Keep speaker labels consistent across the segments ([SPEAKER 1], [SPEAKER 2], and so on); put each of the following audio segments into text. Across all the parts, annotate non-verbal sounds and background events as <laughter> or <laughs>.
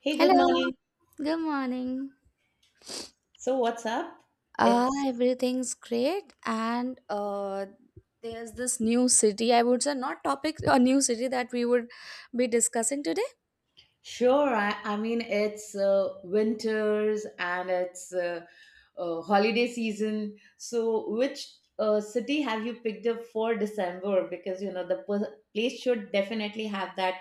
[SPEAKER 1] Hey, good
[SPEAKER 2] Hello,
[SPEAKER 1] morning.
[SPEAKER 2] good morning.
[SPEAKER 1] So, what's up? It's
[SPEAKER 2] Everything's great, and there's this new city. I would say not topic or new city that we would be discussing today.
[SPEAKER 1] sure. I mean, it's winters, and it's holiday season. So, which city have you picked up for December? Because you know the place should definitely have that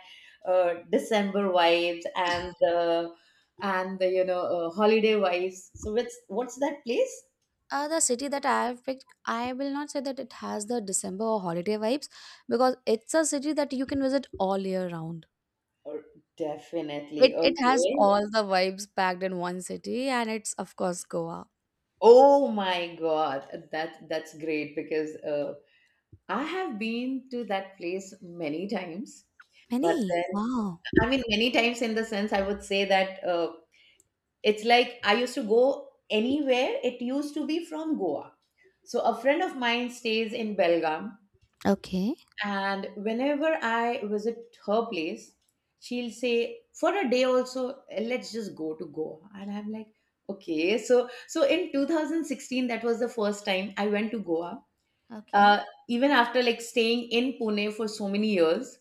[SPEAKER 1] December vibes, and the you know holiday vibes. So, what's that place?
[SPEAKER 2] The city that I have picked, I will not say that it has the December or holiday vibes because it's a city that you can visit all year round.
[SPEAKER 1] Oh, definitely.
[SPEAKER 2] It has
[SPEAKER 1] Okay.
[SPEAKER 2] all the vibes packed in one city, and it's of course Goa.
[SPEAKER 1] Oh my God, that's great, because I have been to that place many times, but
[SPEAKER 2] Many
[SPEAKER 1] then,
[SPEAKER 2] wow.
[SPEAKER 1] I mean, many times in the sense I would say that it's like I used to go anywhere. It used to be from Goa. So a friend of mine stays in Belgaum,
[SPEAKER 2] Okay.
[SPEAKER 1] and whenever I visit her place, she'll say, for a day also, let's just go to Goa. And I'm like, okay. So, in 2016, that was the first time I went to Goa,
[SPEAKER 2] Okay.
[SPEAKER 1] uh, even after like staying in Pune for so many years,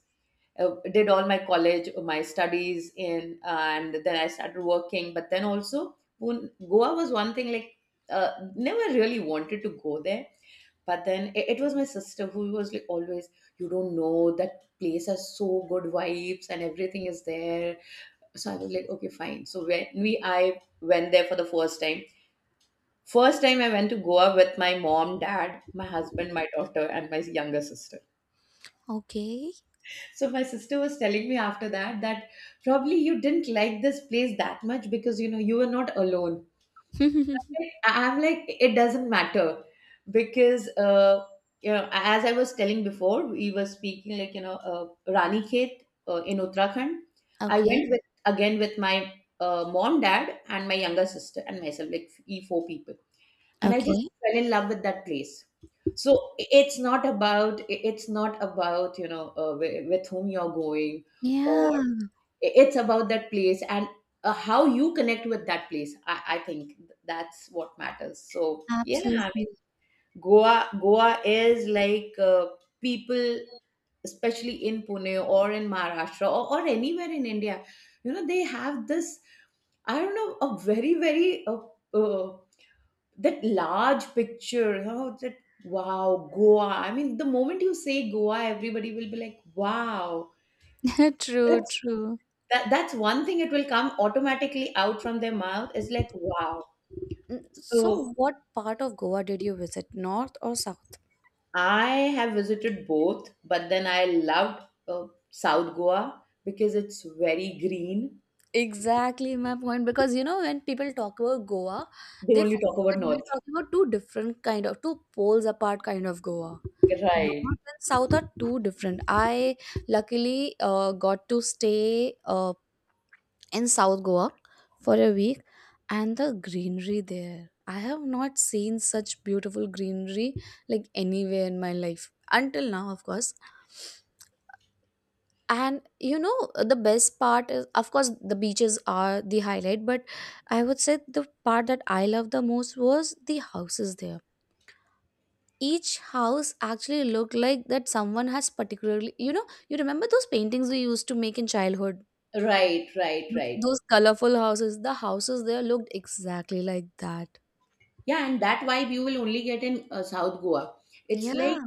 [SPEAKER 1] did all my college, my studies in, and then I started working. But then also, Pune, Goa was one thing like never really wanted to go there. But then it was my sister who was like, always, you don't know that place has so good vibes and everything is there. So I was like, okay, fine. So when we I went there for the first time. First time I went to Goa with my mom, dad, my husband, my daughter, and my younger sister.
[SPEAKER 2] Okay.
[SPEAKER 1] So my sister was telling me after that, probably you didn't like this place that much because you know you were not alone.
[SPEAKER 2] <laughs>
[SPEAKER 1] I'm like, it doesn't matter, because you know, as I was telling before we were speaking, like, you know, Rani Khet, in Uttarakhand. I
[SPEAKER 2] okay.
[SPEAKER 1] went with, again, with my mom, dad, and my younger sister and myself, like e four people, and I just
[SPEAKER 2] Okay.
[SPEAKER 1] fell in love with that place. So, it's not about, you know, with whom you're going, or
[SPEAKER 2] Yeah,
[SPEAKER 1] it's about that place and how you connect with that place. I think that's what matters, so yeah. I
[SPEAKER 2] absolutely.
[SPEAKER 1] mean, Goa is like people, especially in Pune or in Maharashtra, or anywhere in India, you know, they have this, I don't know, a very, very uh, that large picture, you know, that, wow, Goa. I mean, the moment you say Goa, everybody will be like, wow.
[SPEAKER 2] <laughs> True,
[SPEAKER 1] That's,
[SPEAKER 2] true.
[SPEAKER 1] that's one thing, it will come automatically out from their mouth, is like, wow.
[SPEAKER 2] So,
[SPEAKER 1] So
[SPEAKER 2] what part of Goa did you visit, north or south?
[SPEAKER 1] I have visited both, but then I loved South Goa because it's very green.
[SPEAKER 2] Exactly my point, because you know when people talk about Goa,
[SPEAKER 1] They
[SPEAKER 2] they
[SPEAKER 1] only talk
[SPEAKER 2] forget that
[SPEAKER 1] about
[SPEAKER 2] we're
[SPEAKER 1] North.
[SPEAKER 2] talking about two different kind of, two poles apart kind of Goa. North
[SPEAKER 1] Right.
[SPEAKER 2] and South are two different. I luckily got to stay in South Goa for a week, and the greenery there. I have not seen such beautiful greenery like anywhere in my life until now, of course. And you know, the best part is, of course, the beaches are the highlight, but I would say the part that I love the most was the houses there. Each house actually looked like that someone has particularly, you know, you remember those paintings we used to make in childhood.
[SPEAKER 1] Right, right, right.
[SPEAKER 2] Those colorful houses, the houses there looked exactly like that.
[SPEAKER 1] Yeah, and that vibe you will only get in South Goa. It's
[SPEAKER 2] Yeah.
[SPEAKER 1] like,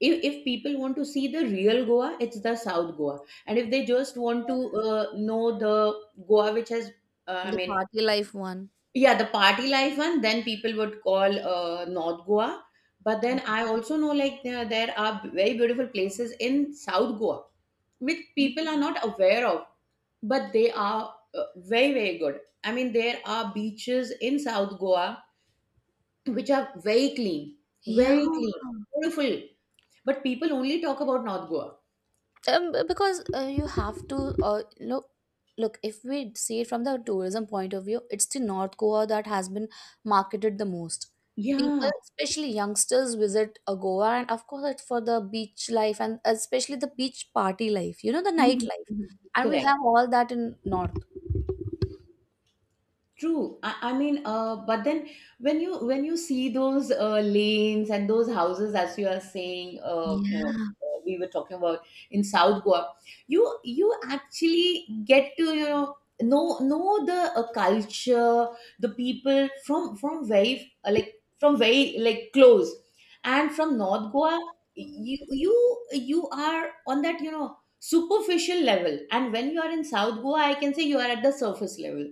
[SPEAKER 1] if people want to see the real Goa, it's the South Goa, and if they just want to know the Goa which has uh, i
[SPEAKER 2] The
[SPEAKER 1] mean
[SPEAKER 2] party life one.
[SPEAKER 1] yeah, the party life one, then people would call North Goa. But then, I also know like, there are very beautiful places in South Goa which people are not aware of, but they are uh, very, very good. I mean, there are beaches in South Goa which are very clean,
[SPEAKER 2] Yeah.
[SPEAKER 1] very clean, beautiful, but people only talk about North Goa.
[SPEAKER 2] Because you have to uh, look look, if we see it from the tourism point of view, it's the north goa that has been marketed the most. People
[SPEAKER 1] Yeah.
[SPEAKER 2] especially youngsters visit goa, and of course it's for the beach life and especially the beach party life, you know, the
[SPEAKER 1] Mhm,
[SPEAKER 2] nightlife,
[SPEAKER 1] mhm.
[SPEAKER 2] and we
[SPEAKER 1] Correct.
[SPEAKER 2] have all that in north.
[SPEAKER 1] True. I mean, but then, when you see those lanes and those houses, as you are saying, you know,
[SPEAKER 2] Yeah.
[SPEAKER 1] we were talking about, in South Goa, you actually get to, you know the culture, the people, from very like, from very like close, and from North Goa, you are on that, you know, superficial level, and when you are in South Goa, I can say you are at the surface level.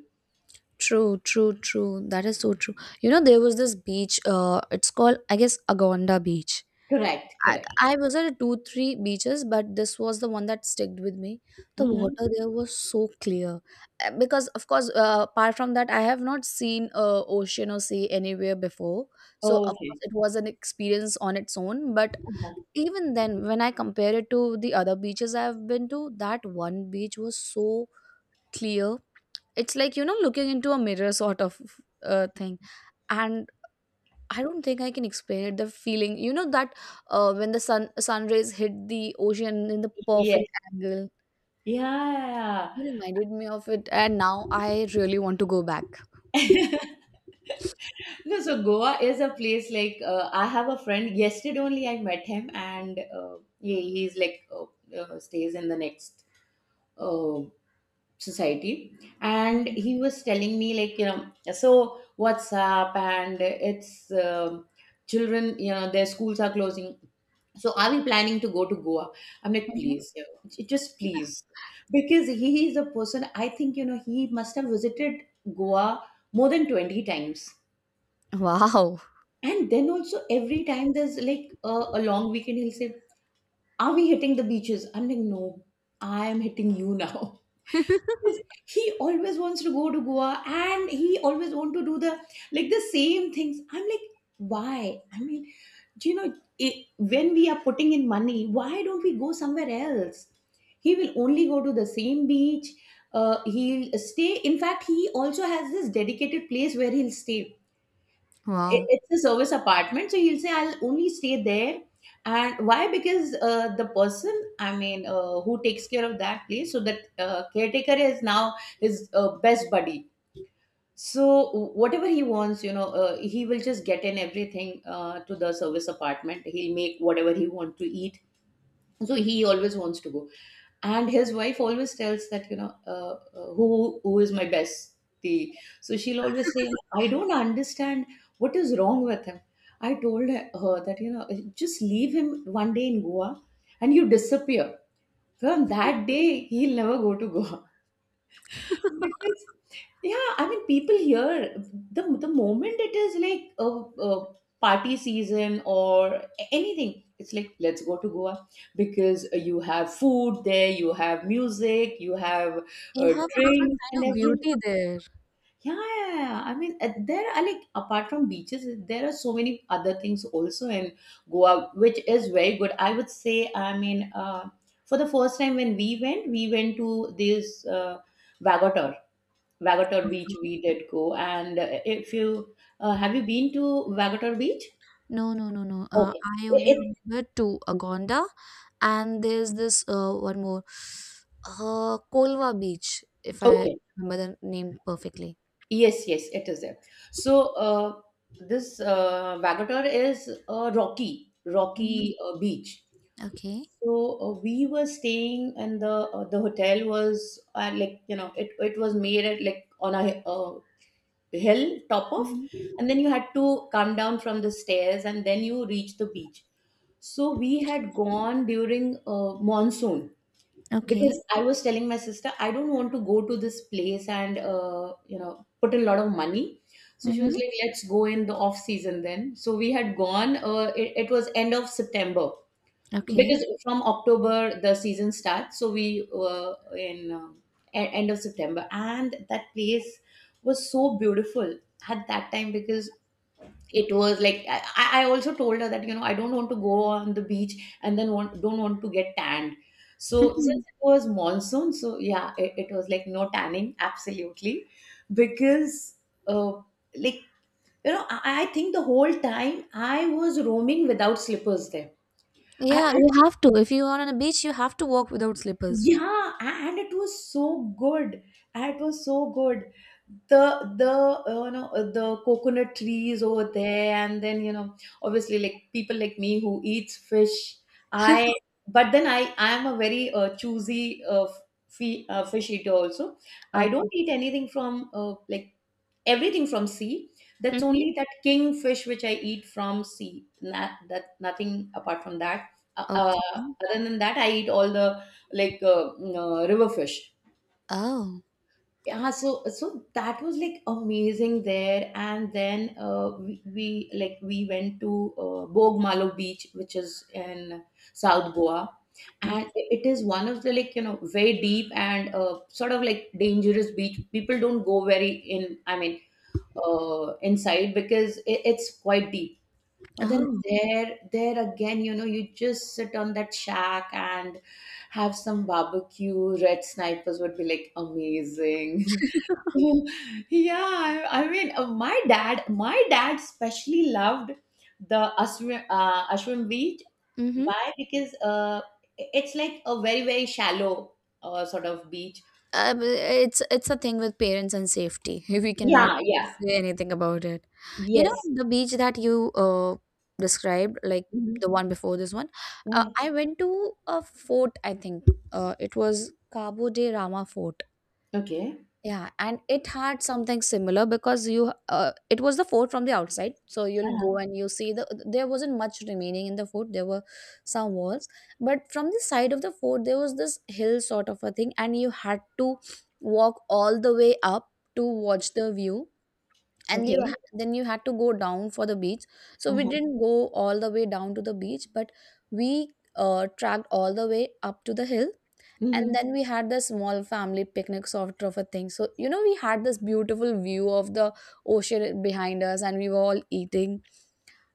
[SPEAKER 2] True, true, true. That is so true. You know, there was this beach, it's called, I guess, Agonda Beach.
[SPEAKER 1] Correct,
[SPEAKER 2] I,
[SPEAKER 1] correct.
[SPEAKER 2] I was at two, three beaches, but this was the one that sticked with me. The
[SPEAKER 1] Mm-hmm.
[SPEAKER 2] water there was so clear. Because, of course, apart from that, I have not seen ocean or sea anywhere before. So, of course,
[SPEAKER 1] Okay.
[SPEAKER 2] it was an experience on its own. But
[SPEAKER 1] Uh-huh.
[SPEAKER 2] even then, when I compare it to the other beaches I've been to, that one beach was so clear. It's like, you know, looking into a mirror sort of thing. And I don't think I can explain it. The feeling, you know, that when the sun rays hit the ocean in the
[SPEAKER 1] Yes.
[SPEAKER 2] perfect angle,
[SPEAKER 1] Yeah.
[SPEAKER 2] you reminded me of it. And now I really want to go back.
[SPEAKER 1] <laughs> No, so Goa is a place like, I have a friend. Yesterday only I met him, and he's like, stays in the next uh, society, and
[SPEAKER 2] Mhm.
[SPEAKER 1] he was telling me, like, you know, so, WhatsApp, and it's, children, you know, their schools are closing, so are we planning to go to Goa? I'm like, please, you know, just, please, because he is a person, I think, you know, he must have visited Goa more than 20 times.
[SPEAKER 2] Wow.
[SPEAKER 1] And then also, every time there's like a long weekend, he'll say, are we hitting the beaches? I'm like, no, I am hitting you <laughs> now. Yes, he always wants to go to Goa, and he always want to do the, like, the same things. I'm like, why? I mean, do you know it, when we are putting in money, why don't we go somewhere else? He will only go to the same beach. He'll stay. In fact, he also has this dedicated place where he'll stay. it,
[SPEAKER 2] Wow.
[SPEAKER 1] it's a service apartment, so he'll say, I'll only stay there. And why? Because the person, I mean, who takes care of that place, so that caretaker is now his best buddy. So, whatever he wants, you know, he will just get in everything to the service apartment. He'll make whatever he want to eat. So, he always wants to go, and his wife always tells that, you know, who is my bestie, so she'll always say, I don't understand what is wrong with him. I told her that, you know, just leave him one day in Goa and you disappear. From that day, he'll never go to Goa. Because- yeah, I mean, people here, the moment it is like a party season or anything, it's like, let's go to Goa, because you have food there, you have music, you have
[SPEAKER 2] You have a different
[SPEAKER 1] drinks, and
[SPEAKER 2] kind of
[SPEAKER 1] everything.
[SPEAKER 2] beauty there.
[SPEAKER 1] Yeah, yeah, yeah. I mean, there are, like, apart from beaches, there are so many other things also in Goa, which is very good. I would say, I mean, for the first time when we went to this Vagotur Vagator Beach, we did go. And if you, have you been to Vagator Beach?
[SPEAKER 2] No, no, no, no.
[SPEAKER 1] Okay.
[SPEAKER 2] I only
[SPEAKER 1] It, it-
[SPEAKER 2] remember two, Agonda, and there's this one more, Kolwa Beach, if I
[SPEAKER 1] okay.
[SPEAKER 2] remember the name perfectly.
[SPEAKER 1] Yes, yes, it is there. So this Vagator is a rocky,
[SPEAKER 2] Mhm.
[SPEAKER 1] rocky beach.
[SPEAKER 2] Okay.
[SPEAKER 1] So we were staying, and the hotel was like, you know, it was made at, like, on a hill top of,
[SPEAKER 2] Mhm.
[SPEAKER 1] and then you had to come down from the stairs, and then you reach the beach. So we had gone during monsoon,
[SPEAKER 2] Okay.
[SPEAKER 1] because I was telling my sister, I don't want to go to this place and you know, put a lot of money. So she was
[SPEAKER 2] Mhm.
[SPEAKER 1] like, "Let's go in the off season then." So we had gone. It was end of September. So,
[SPEAKER 2] Okay.
[SPEAKER 1] because from October the season starts. So we were in, end of September, and that place was so beautiful at that time, because it was like, I also told her that, you know, I don't want to go on the beach and then, don't want to get tanned. So
[SPEAKER 2] Mhm.
[SPEAKER 1] since it was monsoon, so yeah, it was like, no tanning, absolutely, because uh, like, you know, I think the whole time I was roaming without slippers there.
[SPEAKER 2] Yeah,
[SPEAKER 1] I
[SPEAKER 2] you have to. If you are on a beach, you have to walk without slippers.
[SPEAKER 1] Yeah, and it was so good. It was so good. The you know the coconut trees over there, and then, you know, obviously, like, people like me who eats fish. I But then, I am a very choosy, fi fish eater also. I don't
[SPEAKER 2] Okay.
[SPEAKER 1] eat anything from, like, everything from sea. That's
[SPEAKER 2] Mhm.
[SPEAKER 1] only that kingfish which I eat from sea. Not, that, nothing apart from that. Uh,
[SPEAKER 2] Okay.
[SPEAKER 1] uh, Other than that, I eat all the, like, river fish.
[SPEAKER 2] Oh.
[SPEAKER 1] Yeah, so that was like amazing there, and then we went to Bogmalo Beach, which is in South Goa,
[SPEAKER 2] Okay.
[SPEAKER 1] and it is one of the, like, you know, very deep and sort of like dangerous beach. People don't go very in. I mean, inside, because it's quite deep, but then,
[SPEAKER 2] Oh.
[SPEAKER 1] there again, you know, you just sit on that shack and have some barbecue. Red snipers would be like amazing. <laughs>
[SPEAKER 2] <laughs>
[SPEAKER 1] Yeah, I mean, my dad especially loved the Ashwin Beach.
[SPEAKER 2] Mm-hmm.
[SPEAKER 1] Why? Because it's like a very, very shallow sort of beach.
[SPEAKER 2] It's a thing with parents and safety. <laughs> We cannot
[SPEAKER 1] Yeah, yeah,
[SPEAKER 2] say anything about it. You know
[SPEAKER 1] yes.
[SPEAKER 2] the beach that you described, like the
[SPEAKER 1] Mhm.
[SPEAKER 2] one before this one, I
[SPEAKER 1] Okay,
[SPEAKER 2] went to a fort, I think it was Cabo de Rama Fort.
[SPEAKER 1] okay,
[SPEAKER 2] Yeah, and it had something similar, because you it was the fort from the outside. So you'll go and you see the, there wasn't much remaining in the fort. There were some walls, but from the side of the fort there was this hill sort of a thing, and you had to walk all the way up to watch the view. And you
[SPEAKER 1] okay.
[SPEAKER 2] then you had to go down for the beach. So we
[SPEAKER 1] Uh-huh.
[SPEAKER 2] didn't go all the way down to the beach, but we tracked all the way up to the hill, and
[SPEAKER 1] Mhm.
[SPEAKER 2] then we had the small family picnic sort of a thing. So you know, we had this beautiful view of the ocean behind us and we were all eating.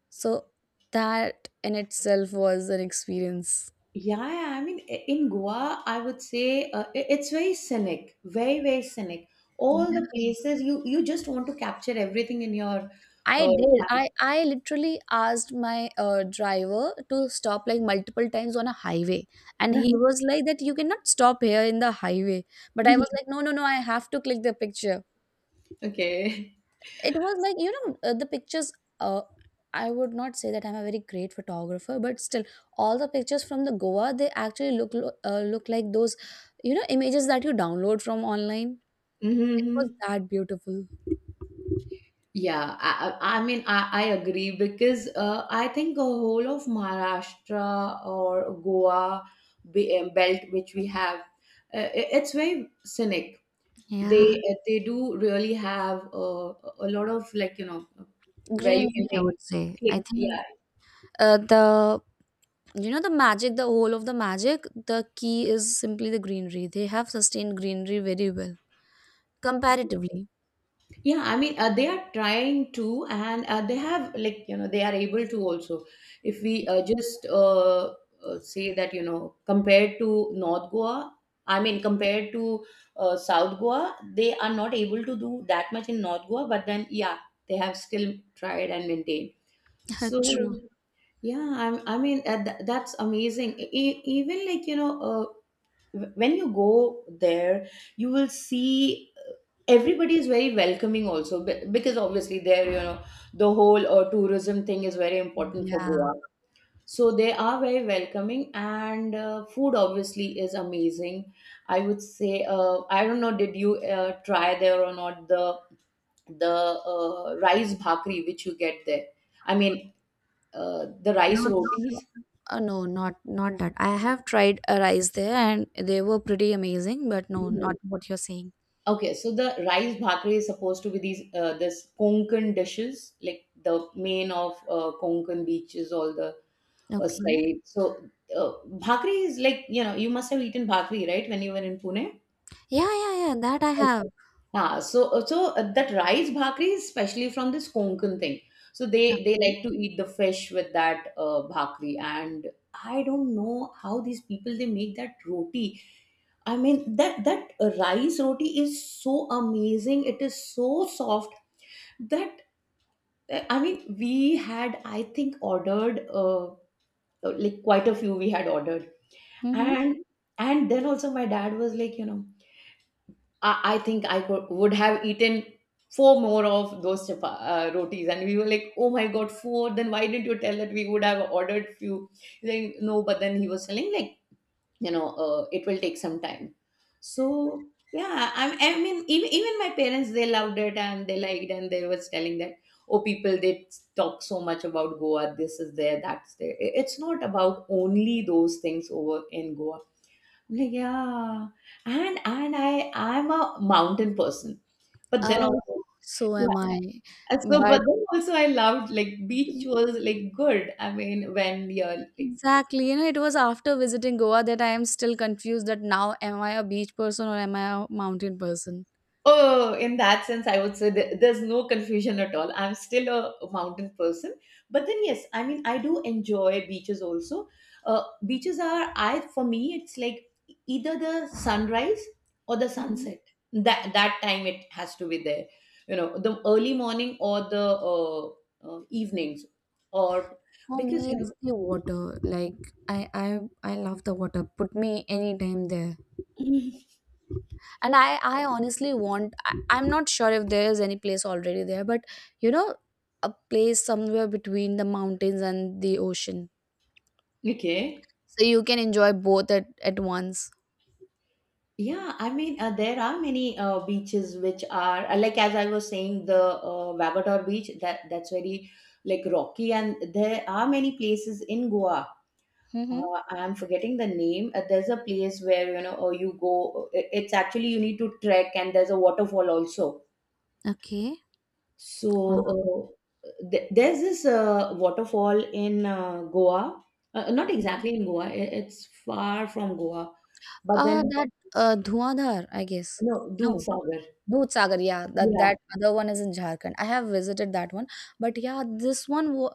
[SPEAKER 2] So that in itself was an experience.
[SPEAKER 1] Yeah, I mean, in Goa, I would say it's very scenic, very, very scenic. All the
[SPEAKER 2] Yeah,
[SPEAKER 1] places, you just want to capture everything in your.
[SPEAKER 2] I
[SPEAKER 1] Uh,
[SPEAKER 2] did. I literally asked my driver to stop like multiple times on a highway,
[SPEAKER 1] <laughs>
[SPEAKER 2] and
[SPEAKER 1] Mhm,
[SPEAKER 2] he was like that you cannot stop here in the highway. But I was
[SPEAKER 1] mhm.
[SPEAKER 2] like, no, no, no, I have to click the picture.
[SPEAKER 1] Okay.
[SPEAKER 2] It was like, you know, the pictures, uh, I would not say that I'm a very great photographer, but still all the pictures from the goa, they actually look like those, you know, images that you download from online. It was
[SPEAKER 1] Mm-hmm.
[SPEAKER 2] that beautiful.
[SPEAKER 1] Yeah, I agree because I think the whole of Maharashtra or Goa belt, which we have, it's very scenic.
[SPEAKER 2] Yeah,
[SPEAKER 1] They do really have a lot of where you
[SPEAKER 2] greenery
[SPEAKER 1] can
[SPEAKER 2] I would say. I
[SPEAKER 1] take.
[SPEAKER 2] think
[SPEAKER 1] Yeah,
[SPEAKER 2] the, you know, the magic, the whole of the magic, the key is simply the greenery. They have sustained greenery very well, comparatively.
[SPEAKER 1] yeah. I mean, they are trying to, and they have they are able to also. If we just say that compared to North Goa, I mean compared to South Goa, they are not able to do that much in North Goa. But then yeah, they have still tried and maintained. So
[SPEAKER 2] <laughs> True.
[SPEAKER 1] yeah, I'm, I mean that's amazing. Even when you go there you will see everybody is very welcoming also because obviously there the whole tourism thing is very important for
[SPEAKER 2] Yeah,
[SPEAKER 1] Goa, so they are very welcoming, and food obviously is amazing. I would say, I don't know, did you try there or not the the rice bhakri which you get there? I mean, uh, the rice
[SPEAKER 2] not sure.
[SPEAKER 1] rotis.
[SPEAKER 2] No, not not that. I have tried a rice there and they were pretty amazing, but no, not what you're saying.
[SPEAKER 1] Okay, so the rice bhakri is supposed to be these this Konkan dishes, like the main of Konkan beaches, all the
[SPEAKER 2] Okay.
[SPEAKER 1] side. So uh, bhakri is you must have eaten bhakri, right, when you were in Pune.
[SPEAKER 2] Yeah, yeah, yeah. That I have.
[SPEAKER 1] Ah, so that rice bhakri is especially from this Konkan thing. So
[SPEAKER 2] Okay.
[SPEAKER 1] they like to eat the fish with that bhakri, and I don't know how these people they make that roti. I mean that rice roti is so amazing. It is so soft that, I mean, we had, I think, ordered like quite a few we had ordered,
[SPEAKER 2] Mm-hmm.
[SPEAKER 1] and and then also my dad was like, I think I could, would have eaten four more of those rotis. And we were like, oh my God, four. Then why didn't you tell that we would have ordered few? He's like, no, but then he was telling like, you know, it will take some time. So yeah, I mean, even, even my parents, they loved it, and they liked, and they was telling that, oh, people, they talk so much about Goa. This is there, that's there. It's not about only those things over in Goa. Yeah, and I, I'm a mountain person, but then
[SPEAKER 2] Oh,
[SPEAKER 1] also
[SPEAKER 2] so
[SPEAKER 1] yeah.
[SPEAKER 2] am I.
[SPEAKER 1] And so
[SPEAKER 2] But
[SPEAKER 1] but then also I loved like beach was like good. I mean, when you're like.
[SPEAKER 2] exactly, you know, it was after visiting Goa that I am still confused that now am I a beach person or am I a mountain person?
[SPEAKER 1] Oh, in that sense, I would say there's no confusion at all. I'm still a mountain person. But then yes, I mean, I do enjoy beaches also. Beaches are, I, for me, it's like either the sunrise or the
[SPEAKER 2] Mm.
[SPEAKER 1] sunset. That that time it has to be there. You know, the early morning or the evenings, or
[SPEAKER 2] For
[SPEAKER 1] because
[SPEAKER 2] me,
[SPEAKER 1] you
[SPEAKER 2] it's the water. Like I love the water. Put me anytime there.
[SPEAKER 1] know.
[SPEAKER 2] And I honestly want I, I'm not sure if there is any place already there, but you know, a place somewhere between the mountains and the ocean,
[SPEAKER 1] <clears throat> <laughs> Okay.
[SPEAKER 2] so you can enjoy both at once.
[SPEAKER 1] Yeah, I mean, there are many beaches which are like, as I was saying, the Vavator Beach, that that's very like rocky, and there are many places in Goa.
[SPEAKER 2] Mm-hmm.
[SPEAKER 1] I am forgetting the name. There's a place where you go. It's actually you need to trek, and there's a waterfall also.
[SPEAKER 2] Okay.
[SPEAKER 1] So
[SPEAKER 2] uh,
[SPEAKER 1] there's this waterfall in Goa. Not exactly in Goa. It's far from Goa, but
[SPEAKER 2] uh
[SPEAKER 1] then
[SPEAKER 2] that uh Dhuandhar. I guess.
[SPEAKER 1] no, Dudh
[SPEAKER 2] No,
[SPEAKER 1] Sagar.
[SPEAKER 2] Dudh Sagar, yeah, that
[SPEAKER 1] Yeah,
[SPEAKER 2] that other one is in Jharkhand. I have visited that one, but yeah, this one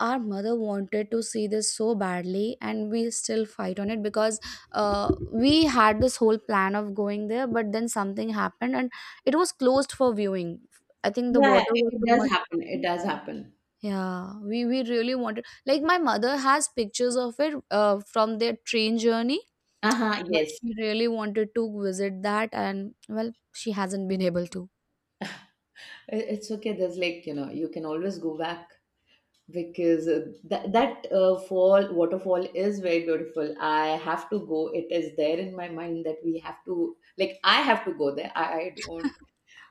[SPEAKER 2] our mother wanted to see this so badly, and we still fight on it because we had this whole plan of going there, but then something happened and it was closed for viewing. I think the
[SPEAKER 1] yeah,
[SPEAKER 2] water
[SPEAKER 1] it
[SPEAKER 2] was
[SPEAKER 1] it
[SPEAKER 2] too
[SPEAKER 1] does
[SPEAKER 2] much or
[SPEAKER 1] happen. It
[SPEAKER 2] something.
[SPEAKER 1] does happen.
[SPEAKER 2] Yeah, we really wanted, like my mother has pictures of it from their train journey,
[SPEAKER 1] Uh-huh,
[SPEAKER 2] but
[SPEAKER 1] yes.
[SPEAKER 2] she really wanted to visit that, and well, she hasn't been able to.
[SPEAKER 1] It's okay. There's like, you know, you can always go back because that fall waterfall is very beautiful. I have to go. It is there in my mind that we have to, like, I have to go there. I don't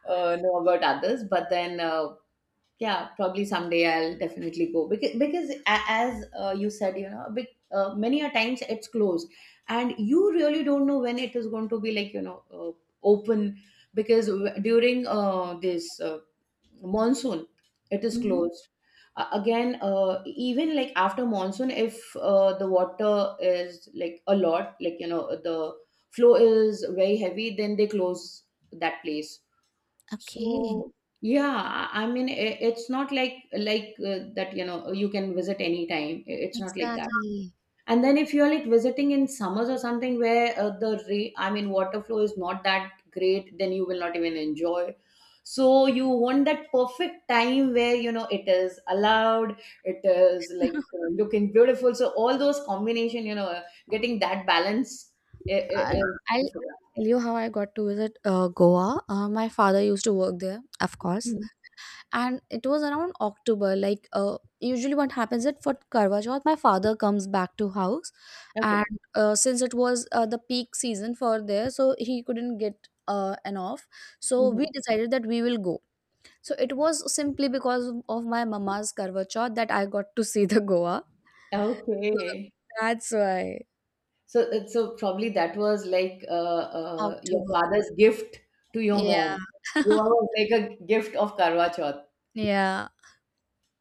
[SPEAKER 1] know about others, but then yeah, probably someday I'll definitely go because as you said, you know, a bit, many a times it's closed, and you really don't know when it is going to be like open because during this monsoon it is
[SPEAKER 2] Mhm.
[SPEAKER 1] closed. Again, even like after monsoon, if the water is like a lot, like the flow is very heavy, then they close that place.
[SPEAKER 2] Okay.
[SPEAKER 1] So yeah, I mean I it's not like that you can visit anytime. It's not like that.
[SPEAKER 2] Exactly.
[SPEAKER 1] And then if you're like visiting in summers or something where I mean water flow is not that great, then you will not even enjoy. So you want that perfect time where it is allowed, it is like
[SPEAKER 2] <laughs>
[SPEAKER 1] looking beautiful. So all those combination, you know, getting that balance is,
[SPEAKER 2] I,
[SPEAKER 1] is
[SPEAKER 2] I'll
[SPEAKER 1] difficult.
[SPEAKER 2] tell you how I got to visit Goa. My father used to work there, of course,
[SPEAKER 1] Mhm.
[SPEAKER 2] and it was around October. Like usually, what happens is for Karwa Chauth, my father comes back to house,
[SPEAKER 1] Okay.
[SPEAKER 2] and since it was the peak season for there, so he couldn't get an off. So we
[SPEAKER 1] Mhm.
[SPEAKER 2] decided that we will go. So it was simply because of my mama's Karwa Chauth that I got to see the Goa. So
[SPEAKER 1] Okay.
[SPEAKER 2] that's why
[SPEAKER 1] So, so probably that was like your
[SPEAKER 2] October.
[SPEAKER 1] father's gift to your
[SPEAKER 2] Yeah.
[SPEAKER 1] mom. Goa
[SPEAKER 2] <laughs>
[SPEAKER 1] was like a gift of Karwa Chauth.
[SPEAKER 2] Yeah.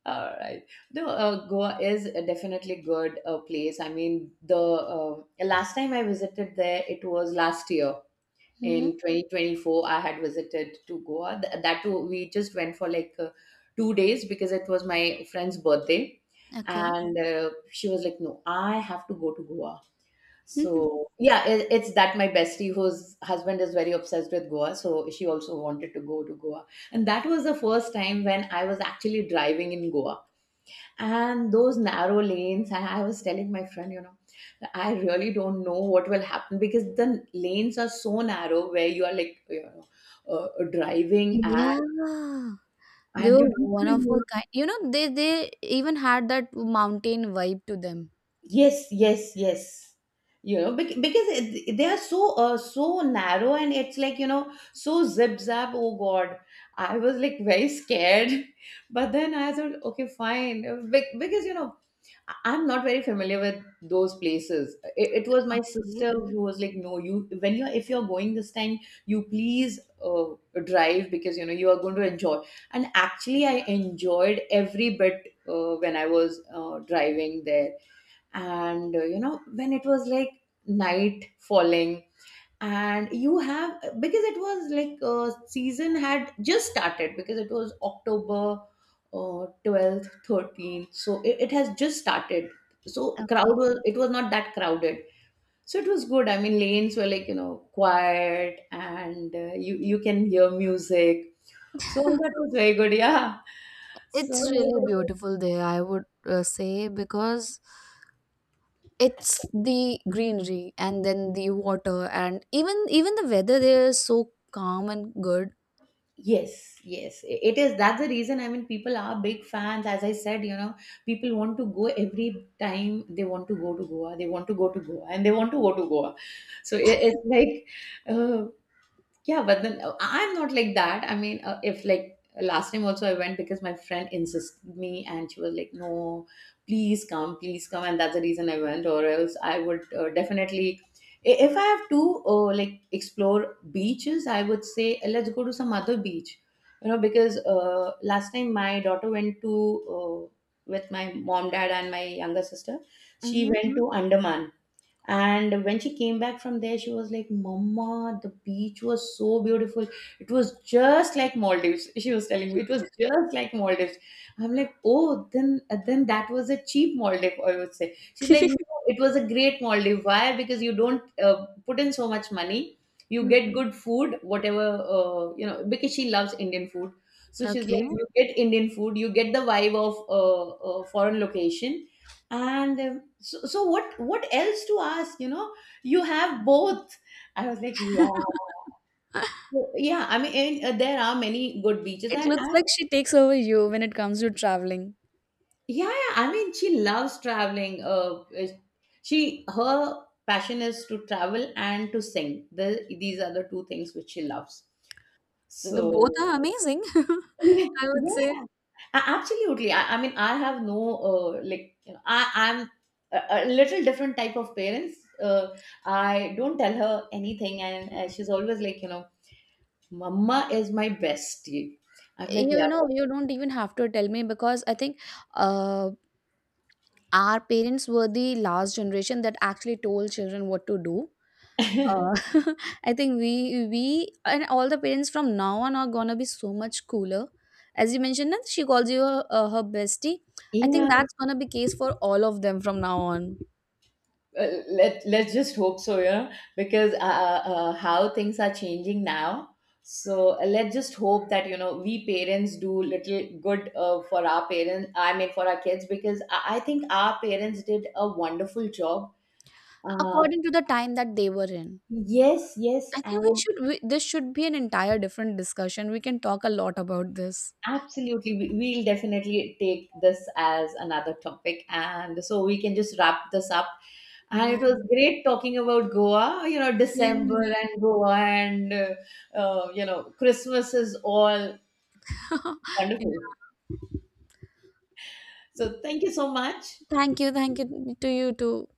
[SPEAKER 1] All right. No, Goa is a definitely good place. I mean, the last time I visited there, it was last year
[SPEAKER 2] Mhm.
[SPEAKER 1] in 2024. I had visited to Goa. That too, we just went for like 2 days because it was my friend's birthday,
[SPEAKER 2] Okay.
[SPEAKER 1] and she was like, "No, I have to go to Goa." So
[SPEAKER 2] <laughs>
[SPEAKER 1] yeah, it, it's that my bestie whose husband is very obsessed with Goa, so she also wanted to go to Goa, and that was the first time when I was actually driving in Goa, and those narrow lanes. And I was telling my friend, you know, I really don't know what will happen because the lanes are so narrow where you are like, driving
[SPEAKER 2] Yeah, they
[SPEAKER 1] and
[SPEAKER 2] were
[SPEAKER 1] you don't
[SPEAKER 2] one
[SPEAKER 1] even
[SPEAKER 2] of
[SPEAKER 1] know.
[SPEAKER 2] a kind. You know, they even had that mountain vibe to them.
[SPEAKER 1] Yes, yes, yes. You know, because they are so so narrow, and it's like you know, so zip zap. Oh God, I was like very scared, <laughs> but then I thought, okay, fine, because you know, I'm not very familiar with those places. It was my
[SPEAKER 2] Okay.
[SPEAKER 1] sister who was like, no, you, when you're, if you're going this time, you please drive because you know you are going to enjoy. And actually, I enjoyed every bit when I was driving there, and you know, when it was like night falling and you have because it was like season had just started because it was October 12th, 13th, so it has just started. So crowd
[SPEAKER 2] Okay.
[SPEAKER 1] was, it was not that crowded, so it was good. I mean, lanes were like quiet, and you you can hear music, so that was very good, yeah. So.
[SPEAKER 2] It's really beautiful there, I would say, because it's the greenery and then the water and even even the weather there is so calm and good.
[SPEAKER 1] Yes, yes, it is. That's the reason. I mean, people are big fans. As I said, you know, people want to go every time, they want to go to Goa. They want to go to Goa, and they want to go to Goa. So it's like, uh, yeah, but then I- I'm not like that. I mean, if like last time also I went because my friend insisted me, and she was like, no, please come, please come. And that's the reason I went, or else I would definitely. If I have to like explore beaches, I would say, "Eh, let's go to some other beach, you know, because last time my daughter went to uh, with my mom, dad, and my younger sister. She
[SPEAKER 2] Mhm.
[SPEAKER 1] went Mhm. to Andaman, and when she came back from there, she was like, Mama, the beach was so beautiful. It was just like Maldives. <laughs> She was telling me it was just like Maldives. I'm like, oh, then that was a cheap Maldive, I would say. She's like, no, it was a great Maldive. Why? Because you don't put in so much money. You get good food, whatever, you know, because she loves Indian food. So she's
[SPEAKER 2] Okay.
[SPEAKER 1] like, you get Indian food, you get the vibe of a foreign location, and so, so what else to ask, you know, you have both. I was like, yeah. So, yeah, I mean, and, there are many good beaches,
[SPEAKER 2] It looks
[SPEAKER 1] and
[SPEAKER 2] like she takes over you when it comes to traveling.
[SPEAKER 1] yeah, yeah, I mean, she loves traveling she, her passion is to travel and to sing, the, these are the two things which she loves,
[SPEAKER 2] The
[SPEAKER 1] so.
[SPEAKER 2] both are amazing, <laughs>
[SPEAKER 1] Yeah,
[SPEAKER 2] I would say.
[SPEAKER 1] yeah. Absolutely. I mean, I have no, I, I'm a little different type of parents. I don't tell her anything, and she's always like, you know, Mama is my bestie. I'm like, yeah,
[SPEAKER 2] You know, you don't even have to tell me, because I think uh, our parents were the last generation that actually told children what to do. uh,
[SPEAKER 1] <laughs>
[SPEAKER 2] <laughs> I think we and all the parents from now on are gonna be so much cooler. As you mentioned that she calls you her, her bestie, I think
[SPEAKER 1] yeah.
[SPEAKER 2] that's gonna be case for all of them from now on,
[SPEAKER 1] Let let's just hope so, you know, because how things are changing now, so let's just hope that you know we parents do little good for our parents, I mean for our kids, because I think our parents did a wonderful job, uh,
[SPEAKER 2] according to the time that they were in.
[SPEAKER 1] yes, yes.
[SPEAKER 2] I think we
[SPEAKER 1] And
[SPEAKER 2] should we, this should be an entire different discussion. We can talk a lot about this.
[SPEAKER 1] absolutely, we'll definitely take this as another topic. And so we can just wrap this up. And
[SPEAKER 2] Yeah,
[SPEAKER 1] it was great talking about Goa, you know,
[SPEAKER 2] same
[SPEAKER 1] December
[SPEAKER 2] here.
[SPEAKER 1] and Goa, and, you know, Christmas is all
[SPEAKER 2] <laughs> Yeah.
[SPEAKER 1] wonderful. So thank you so much.
[SPEAKER 2] Thank you. Thank you to you too.